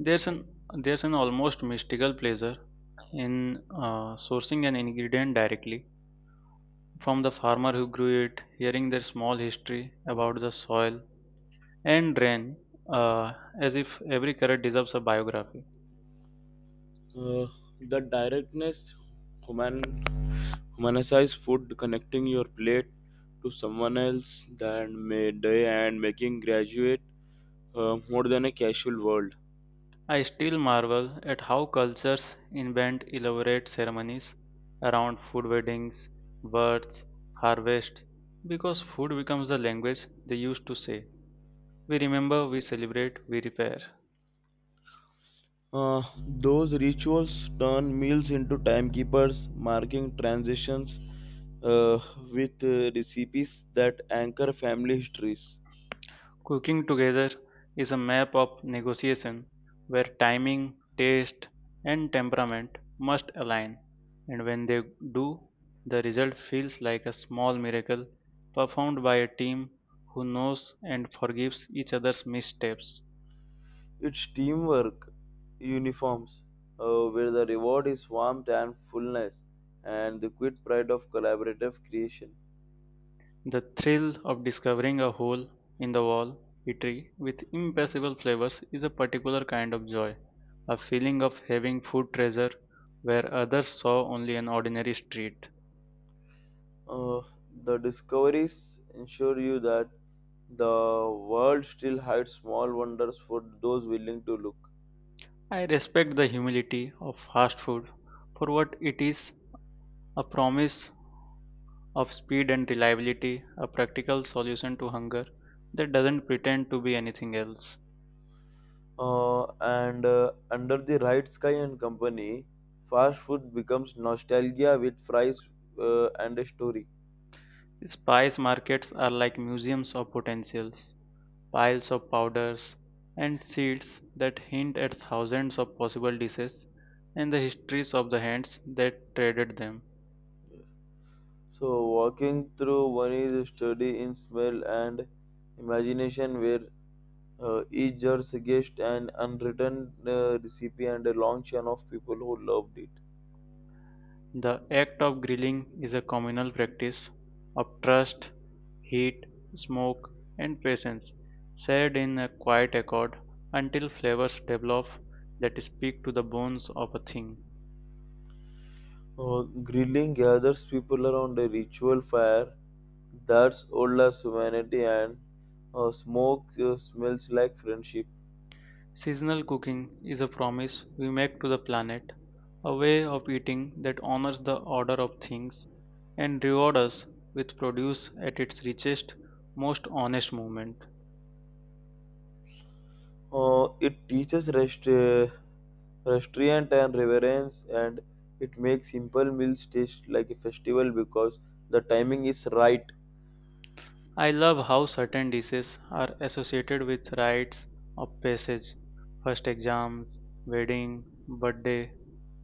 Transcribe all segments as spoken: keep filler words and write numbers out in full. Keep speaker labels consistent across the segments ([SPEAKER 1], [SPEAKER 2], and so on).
[SPEAKER 1] There's an there's an almost mystical pleasure in uh, sourcing an ingredient directly from the farmer who grew it, hearing their small history about the soil and rain, uh, as if every carrot deserves a biography.
[SPEAKER 2] Uh, the directness, human, humanized food, connecting your plate to someone else than may day and making graduate uh, more than a casual world.
[SPEAKER 1] I still marvel at how cultures invent elaborate ceremonies around food weddings, births, harvests, because food becomes the language they used to say. We remember, we celebrate, we repair.
[SPEAKER 2] Uh, those rituals turn meals into timekeepers, marking transitions uh, with uh, recipes that anchor family histories.
[SPEAKER 1] Cooking together is a map of negotiation where timing, taste, and temperament must align, and when they do, the result feels like a small miracle performed by a team who knows and forgives each other's missteps.
[SPEAKER 2] It's teamwork, uniforms, uh, where the reward is warmth and fullness, and the quit pride of collaborative creation.
[SPEAKER 1] The thrill of discovering a hole in the wall eatery with impossible flavors is a particular kind of joy, a feeling of having food treasure where others saw only an ordinary street.
[SPEAKER 2] Uh, the discoveries ensure you that the world still hides small wonders for those willing to look.
[SPEAKER 1] I respect the humility of fast food for what it is a promise of speed and reliability, a practical solution to hunger that doesn't pretend to be anything else.
[SPEAKER 2] Uh, and uh, under the right sky and company, fast food becomes nostalgia with fries uh, and a story.
[SPEAKER 1] Spice markets are like museums of potentials, piles of powders and seeds that hint at thousands of possible dishes and the histories of the hands that traded them.
[SPEAKER 2] So walking through one is study in smell and imagination, where uh, each jar suggests an unwritten uh, recipe and a long chain of people who loved it.
[SPEAKER 1] The act of grilling is a communal practice of trust, heat, smoke, and patience, shared in a quiet accord until flavors develop that speak to the bones of a thing.
[SPEAKER 2] Uh, grilling gathers people around a ritual fire that's old as humanity, and uh, smoke uh, smells like friendship.
[SPEAKER 1] Seasonal cooking is a promise we make to the planet, a way of eating that honors the order of things and rewards us with produce at its richest, most honest moment.
[SPEAKER 2] Uh, it teaches rest, uh, restraint and reverence, and it makes simple meals taste like a festival because the timing is right.
[SPEAKER 1] I love how certain dishes are associated with rites of passage, first exams, wedding, birthday,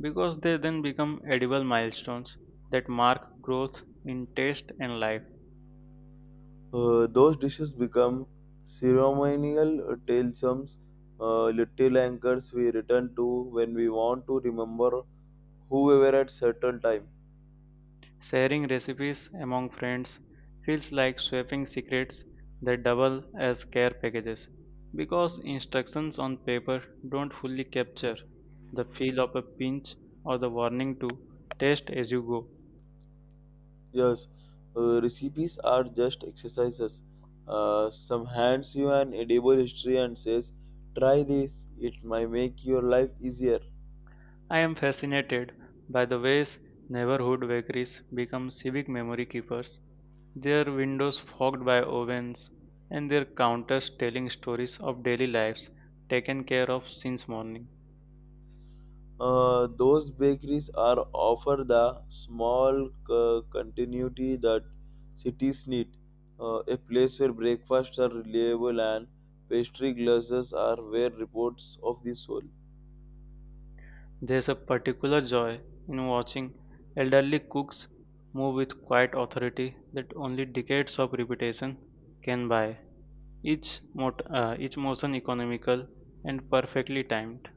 [SPEAKER 1] because they then become edible milestones that mark growth in taste and life.
[SPEAKER 2] Uh, those dishes become ceremonial tales, uh, little anchors we return to when we want to remember who we were at certain time.
[SPEAKER 1] Sharing recipes among friends feels like swapping secrets that double as care packages because instructions on paper don't fully capture the feel of a pinch or the warning to taste as you go.
[SPEAKER 2] Yes, uh, recipes are just exercises. Uh, some hands you an edible history and says, "Try this. It might make your life easier."
[SPEAKER 1] I am fascinated by the ways neighborhood bakeries become civic memory keepers, their windows fogged by ovens, and their counters telling stories of daily lives taken care of since morning.
[SPEAKER 2] Uh, those bakeries are offer the small c- continuity that cities need. Uh, a place where breakfasts are reliable and pastry glasses are where reports of the soul.
[SPEAKER 1] There's a particular joy in watching elderly cooks move with quiet authority that only decades of repetition can buy. Each, mot- uh, each motion economical and perfectly timed.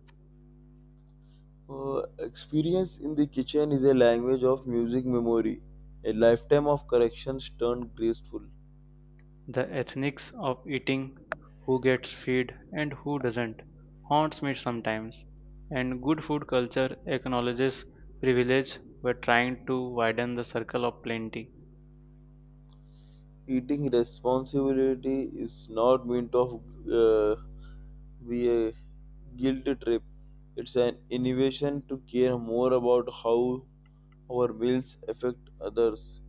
[SPEAKER 2] Uh, experience in the kitchen is a language of music memory, a lifetime of corrections turned graceful.
[SPEAKER 1] The ethics of eating, who gets fed and who doesn't, haunts me sometimes, and good food culture acknowledges privilege while trying to widen the circle of plenty.
[SPEAKER 2] Eating responsibility is not meant of uh, be a guilt trip. It's an innovation to care more about how our meals affect others.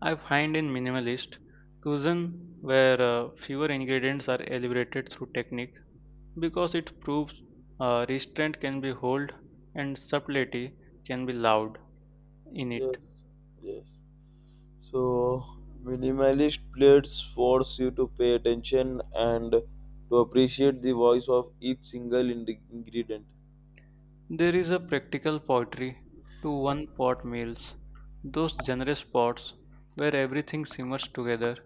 [SPEAKER 1] I find in minimalist cuisine where uh, fewer ingredients are elaborated through technique because it proves uh, restraint can be hold and subtlety can be loud in it.
[SPEAKER 2] Yes, yes. So, minimalist plates force you to pay attention and to appreciate the voice of each single ind- ingredient.
[SPEAKER 1] There is a practical poetry to one pot meals, those generous pots where everything simmers together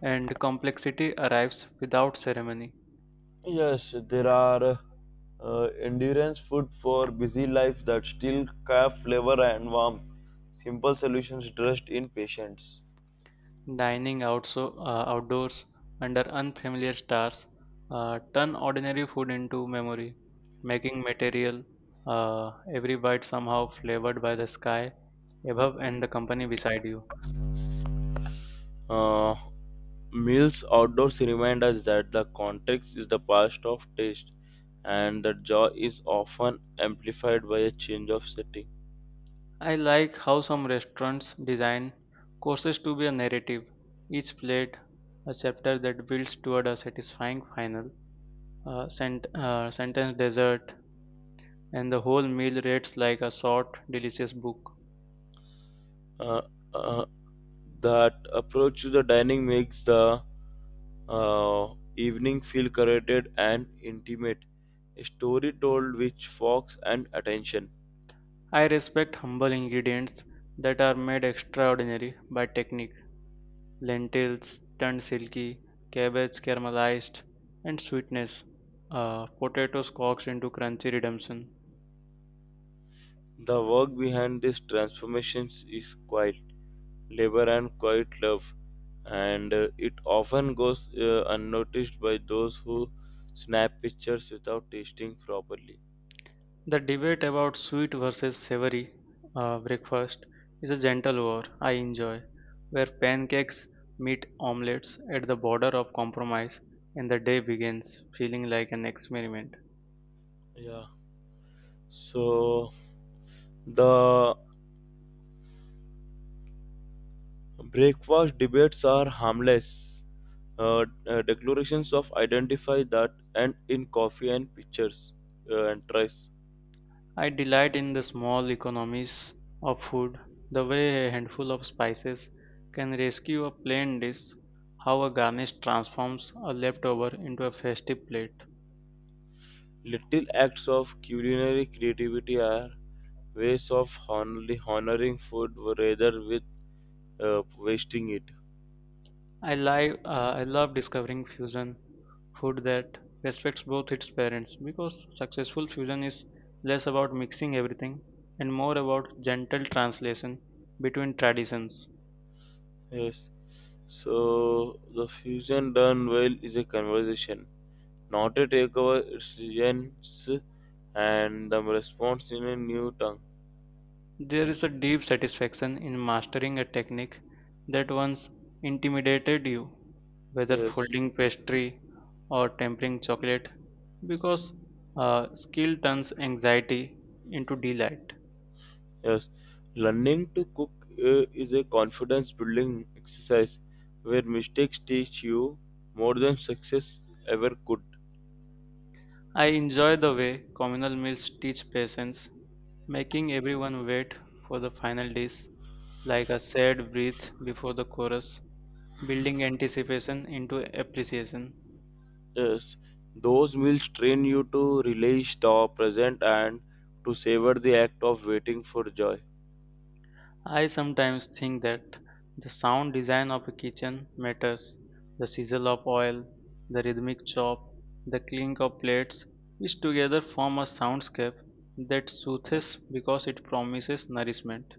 [SPEAKER 1] and complexity arrives without ceremony.
[SPEAKER 2] Yes, there are uh, endurance food for busy life that still have flavor and warmth. Simple solutions dressed in patience.
[SPEAKER 1] Dining outso- uh, outdoors under unfamiliar stars uh, turn ordinary food into memory, making material uh, every bite somehow flavored by the sky above and the company beside you.
[SPEAKER 2] Uh, meals outdoors remind us that the context is the past of taste and that joy is often amplified by a change of setting.
[SPEAKER 1] I like how some restaurants design courses to be a narrative, each plate a chapter that builds toward a satisfying final. A sent- uh, sentence dessert, and the whole meal rates like a short, delicious book.
[SPEAKER 2] Uh, uh, That approach to the dining makes the uh, evening feel curated and intimate. A story told with fox and attention.
[SPEAKER 1] I respect humble ingredients that are made extraordinary by technique lentils turned silky, cabbage caramelized, and sweetness, uh, potatoes coaxed into crunchy redemption.
[SPEAKER 2] The work behind these transformations is quiet labor and quiet love, and uh, it often goes uh, unnoticed by those who snap pictures without tasting properly.
[SPEAKER 1] The debate about sweet versus savory uh, breakfast is a gentle war I enjoy, where pancakes meet omelets at the border of compromise and the day begins feeling like an experiment.
[SPEAKER 2] Yeah. So the breakfast debates are harmless uh, uh, declarations of identify that and in coffee and pictures uh, and tries.
[SPEAKER 1] I delight in the small economies of food, the way a handful of spices can rescue a plain dish, how a garnish transforms a leftover into a festive plate.
[SPEAKER 2] Little acts of culinary creativity are ways of honly honoring food rather with uh, wasting it.
[SPEAKER 1] I, li- uh, I love discovering fusion food that respects both its parents because successful fusion is less about mixing everything and more about gentle translation between traditions.
[SPEAKER 2] Yes. So the fusion done well is a conversation, not a takeover. It's resilience and the response in a new tongue.
[SPEAKER 1] There is a deep satisfaction in mastering a technique that once intimidated you, whether
[SPEAKER 2] Yes.
[SPEAKER 1] folding pastry or tempering chocolate, because uh, skill turns anxiety into delight.
[SPEAKER 2] Yes, learning to cook uh, is a confidence building exercise where mistakes teach you more than success ever could.
[SPEAKER 1] I enjoy the way communal meals teach patience, making everyone wait for the final dish like a sad breath before the chorus, building anticipation into appreciation.
[SPEAKER 2] Yes, those meals train you to relish the present and to savor the act of waiting for joy.
[SPEAKER 1] I sometimes think that the sound design of a kitchen matters. The sizzle of oil, the rhythmic chop, the clink of plates, which together form a soundscape that soothes because it promises nourishment.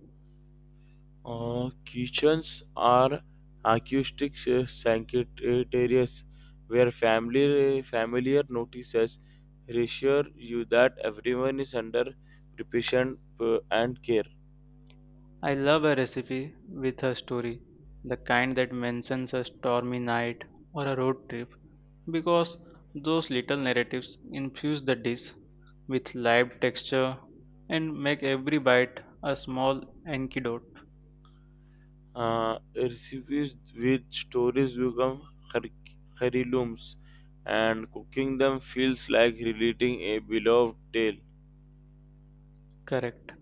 [SPEAKER 2] Uh, kitchens are acoustic uh, sanctuaries where family familiar notices reassure you that everyone is under preparation uh, and care.
[SPEAKER 1] I love a recipe with a story, the kind that mentions a stormy night or a road trip because those little narratives infuse the dish with live texture and make every bite a small antidote.
[SPEAKER 2] Uh, recipes with stories become heir- heirlooms, and cooking them feels like relating a beloved tale.
[SPEAKER 1] Correct.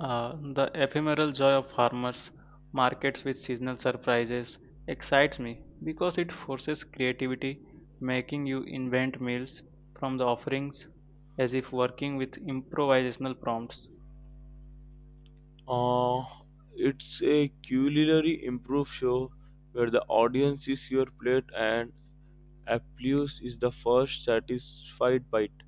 [SPEAKER 1] Uh, the ephemeral joy of farmers markets with seasonal surprises excites me because it forces creativity, making you invent meals from the offerings as if working with improvisational prompts.
[SPEAKER 2] Uh, it's a culinary improv show where the audience is your plate and applause is the first satisfied bite.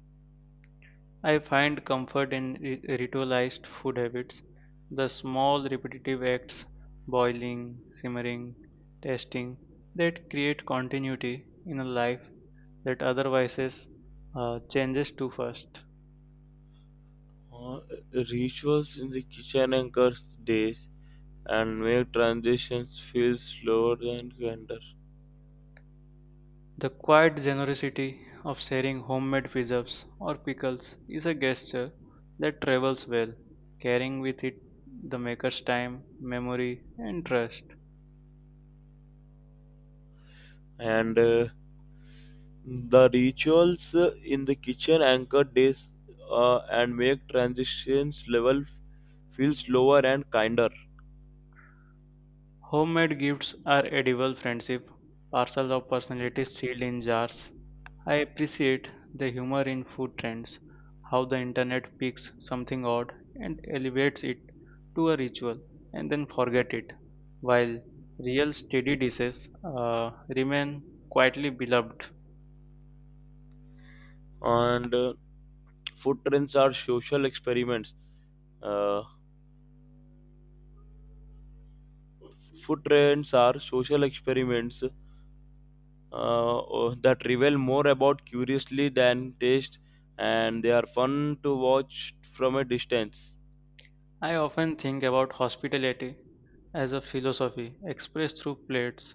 [SPEAKER 1] I find comfort in ri- ritualized food habits, the small repetitive acts, boiling, simmering, tasting, that create continuity in a life that otherwise is, uh, changes too fast.
[SPEAKER 2] Uh, rituals in the kitchen anchors days and make transitions feel slower and grander.
[SPEAKER 1] The quiet generosity of sharing homemade preserves or pickles is a gesture that travels well, carrying with it the maker's time, memory, and trust.
[SPEAKER 2] And uh, The rituals uh, in the kitchen anchor days uh, and make transitions level feel slower and kinder.
[SPEAKER 1] Homemade gifts are edible friendship, parcels of personalities sealed in jars. I appreciate the humor in food trends, how the internet picks something odd and elevates it to a ritual and then forget it, while real steady dishes uh, remain quietly beloved.
[SPEAKER 2] And uh, food trends are social experiments. Uh, food trends are social experiments uh, uh, that reveal more about curiously than taste, and they are fun to watch from a distance.
[SPEAKER 1] I often think about hospitality as a philosophy expressed through plates,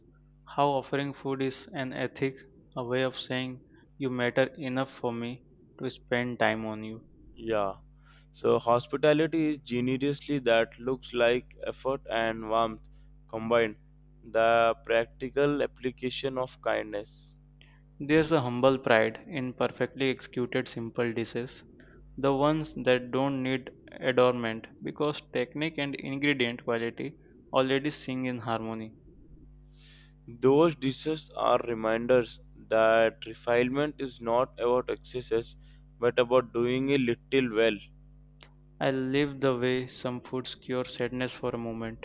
[SPEAKER 1] how offering food is an ethic, a way of saying you matter enough for me to spend time on you.
[SPEAKER 2] Yeah. So hospitality is generously that looks like effort and warmth combined. The practical application of kindness.
[SPEAKER 1] There's a humble pride in perfectly executed simple dishes, the ones that don't need adornment because technique and ingredient quality already sing in harmony.
[SPEAKER 2] Those dishes are reminders that refinement is not about excesses but about doing a little well.
[SPEAKER 1] I live the way some foods cure sadness for a moment,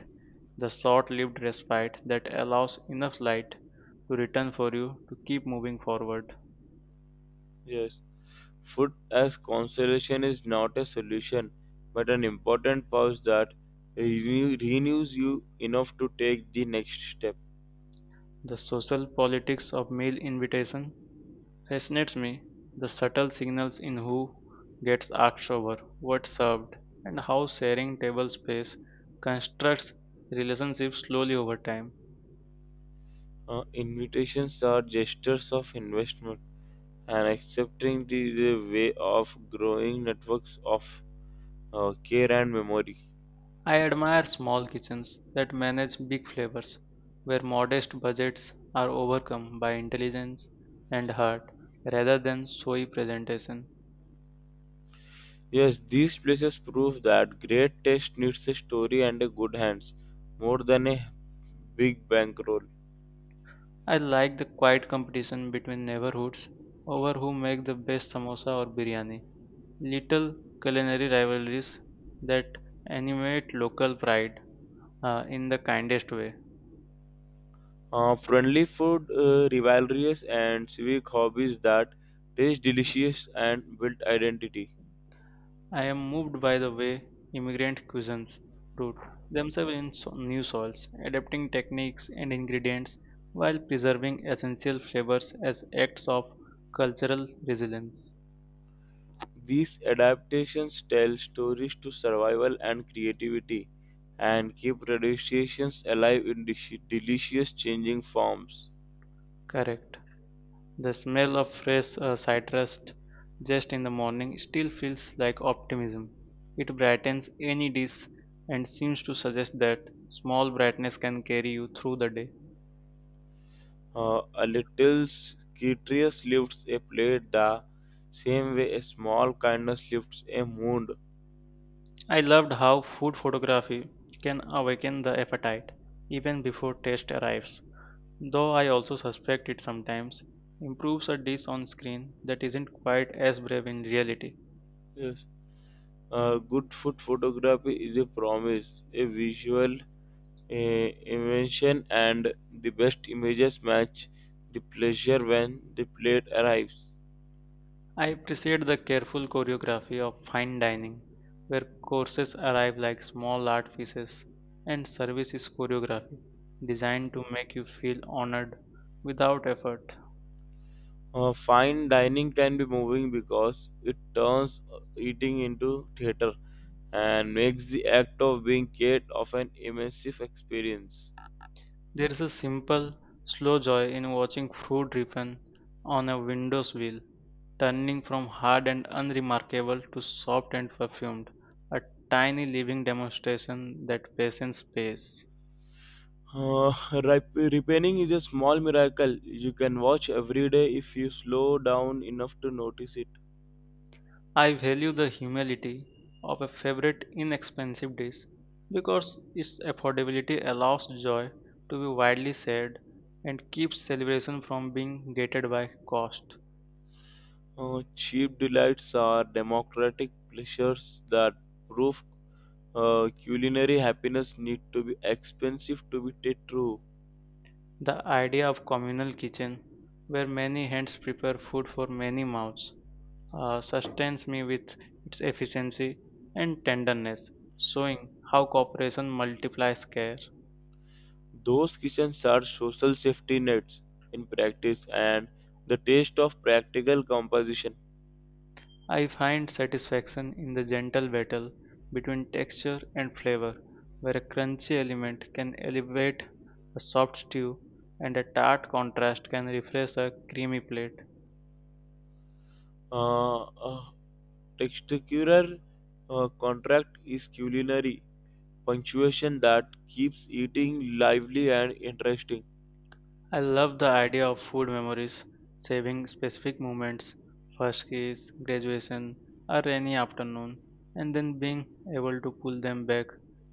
[SPEAKER 1] the short lived respite that allows enough light to return for you to keep moving forward.
[SPEAKER 2] Yes. Food as consolation is not a solution but an important pause that renew- renews you enough to take the next step.
[SPEAKER 1] The social politics of meal invitation fascinates me, the subtle signals in who gets asked over, what's served, and how sharing table space constructs relationships slowly over time.
[SPEAKER 2] Uh, invitations are gestures of investment, and accepting these is a way of growing networks of uh, care and memory.
[SPEAKER 1] I admire small kitchens that manage big flavors, where modest budgets are overcome by intelligence and heart rather than showy presentation.
[SPEAKER 2] Yes, these places prove that great taste needs a story and a good hands more than a big bankroll.
[SPEAKER 1] I like the quiet competition between neighborhoods over who make the best samosa or biryani. Little culinary rivalries that animate local pride uh, in the kindest way.
[SPEAKER 2] Uh, friendly food, uh, rivalries, and civic hobbies that taste delicious and build identity.
[SPEAKER 1] I am moved by the way immigrant cuisines root themselves in so- new soils, adapting techniques and ingredients while preserving essential flavors as acts of cultural resilience.
[SPEAKER 2] These adaptations tell stories to survival and creativity and keep traditions alive in dish- delicious changing forms.
[SPEAKER 1] Correct. The
[SPEAKER 2] Yeah.
[SPEAKER 1] smell of fresh uh, citrus just in the morning still feels like optimism. It brightens any dish and seems to suggest that small brightness can carry you through the day.
[SPEAKER 2] Uh, a little Cetrius lifts a plate the same way a small kindness lifts a mood.
[SPEAKER 1] I loved how food photography can awaken the appetite even before taste arrives, though I also suspect it sometimes improves a dish on screen that isn't quite as brave in reality.
[SPEAKER 2] Yes. Uh, good food photography is a promise, a visual uh, invention, and the best images match the pleasure when the plate arrives.
[SPEAKER 1] I appreciate the careful choreography of fine dining, where courses arrive like small art pieces and service is choreography, designed to make you feel honored without effort.
[SPEAKER 2] Uh, fine dining can be moving because it turns eating into theater and makes the act of being part of an immersive experience.
[SPEAKER 1] There is a simple, slow joy in watching fruit ripen on a window's wheel, turning from hard and unremarkable to soft and perfumed, a tiny living demonstration that patience pays.
[SPEAKER 2] Uh, rep- repenning is a small miracle you can watch every day if you slow down enough to notice it.
[SPEAKER 1] I value the humility of a favorite inexpensive dish because its affordability allows joy to be widely shared and keeps celebration from being gated by cost.
[SPEAKER 2] Uh, cheap delights are democratic pleasures that prove uh, culinary happiness need to be expensive to be t- true.
[SPEAKER 1] The idea of communal kitchen, where many hands prepare food for many mouths, uh, sustains me with its efficiency and tenderness, showing how cooperation multiplies care.
[SPEAKER 2] Those kitchens are social safety nets in practice and the taste of practical composition.
[SPEAKER 1] I find satisfaction in the gentle battle between texture and flavor, where a crunchy element can elevate a soft stew and a tart contrast can refresh a creamy plate.
[SPEAKER 2] Uh, uh, textural uh, contract is culinary punctuation that keeps eating lively and interesting.
[SPEAKER 1] I love the idea of food memories, saving specific moments, first kiss, graduation, a rainy afternoon, and then being able to pull them back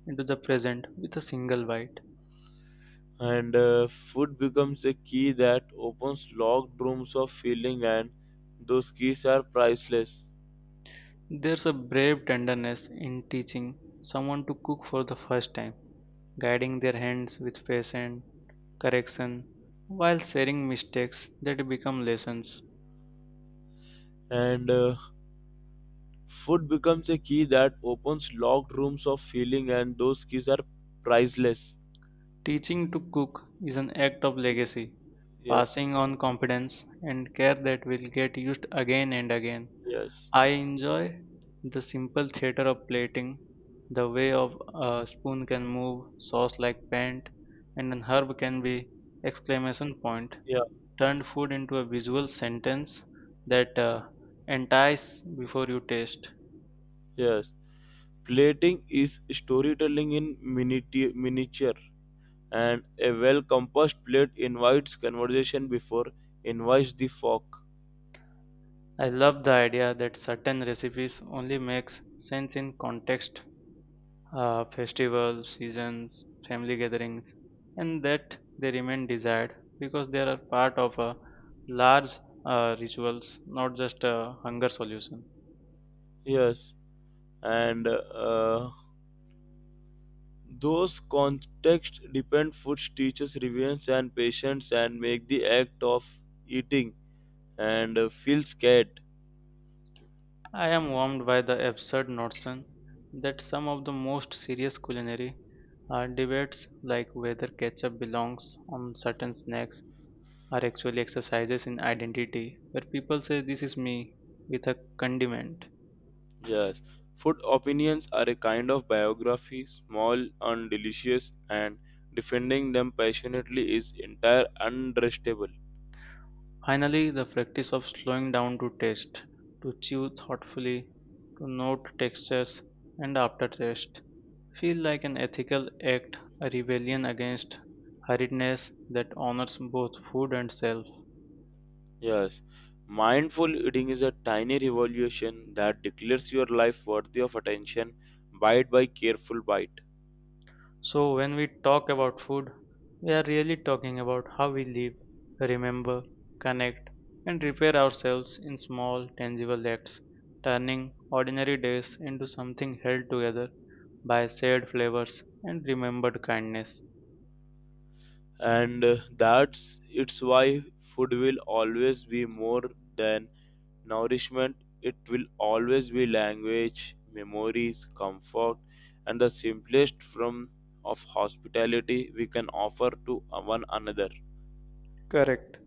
[SPEAKER 1] into the present with a single bite.
[SPEAKER 2] And uh, food becomes a key that opens locked rooms of feeling, and those keys are priceless.
[SPEAKER 1] There's a brave tenderness in teaching someone to cook for the first time, guiding their hands with patience, correction, while sharing mistakes that become lessons.
[SPEAKER 2] And uh, Food becomes a key that opens locked rooms of feeling, and those keys are priceless.
[SPEAKER 1] Teaching to cook is an act of legacy,
[SPEAKER 2] Yes,
[SPEAKER 1] passing on confidence and care that will get used again and again.
[SPEAKER 2] yes,
[SPEAKER 1] I enjoy the simple theater of plating, the way of a spoon can move, sauce like paint, and an herb can be exclamation point.
[SPEAKER 2] yeah,
[SPEAKER 1] Turned food into a visual sentence that uh, entice before you taste.
[SPEAKER 2] yes. Plating is storytelling in miniti- miniature, and a well composed plate invites conversation before invites the fork.
[SPEAKER 1] I love the idea that certain recipes only makes sense in context uh, festivals, seasons, family gatherings, and that they remain desired because they are part of a large uh, rituals, not just a hunger solution.
[SPEAKER 2] Yes, and uh, those context dependent foods teaches resilience and patience and make the act of eating and uh, feel scared.
[SPEAKER 1] I am warmed by the absurd notion that some of the most serious culinary uh, debates, like whether ketchup belongs on certain snacks, are actually exercises in identity, where people say, "This is me, with a condiment."
[SPEAKER 2] Yes, food opinions are a kind of biography, small and delicious, and defending them passionately is entire unrestable.
[SPEAKER 1] Finally, the practice of slowing down to taste, to chew thoughtfully, to note textures and aftertaste, feel like an ethical act, a rebellion against hurriedness that honors both food and self.
[SPEAKER 2] Yes, mindful eating is a tiny revolution that declares your life worthy of attention, bite by careful bite.
[SPEAKER 1] So, when we talk about food, we are really talking about how we live, remember, connect, and repair ourselves in small, tangible acts, turning ordinary days into something held together by shared flavors and remembered kindness.
[SPEAKER 2] And uh, that's it's why food will always be more than nourishment. It will always be language, memories, comfort, and the simplest form of hospitality we can offer to one another.
[SPEAKER 1] Correct.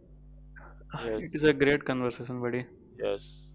[SPEAKER 2] Yes,
[SPEAKER 1] It is a great conversation, buddy.
[SPEAKER 2] yes.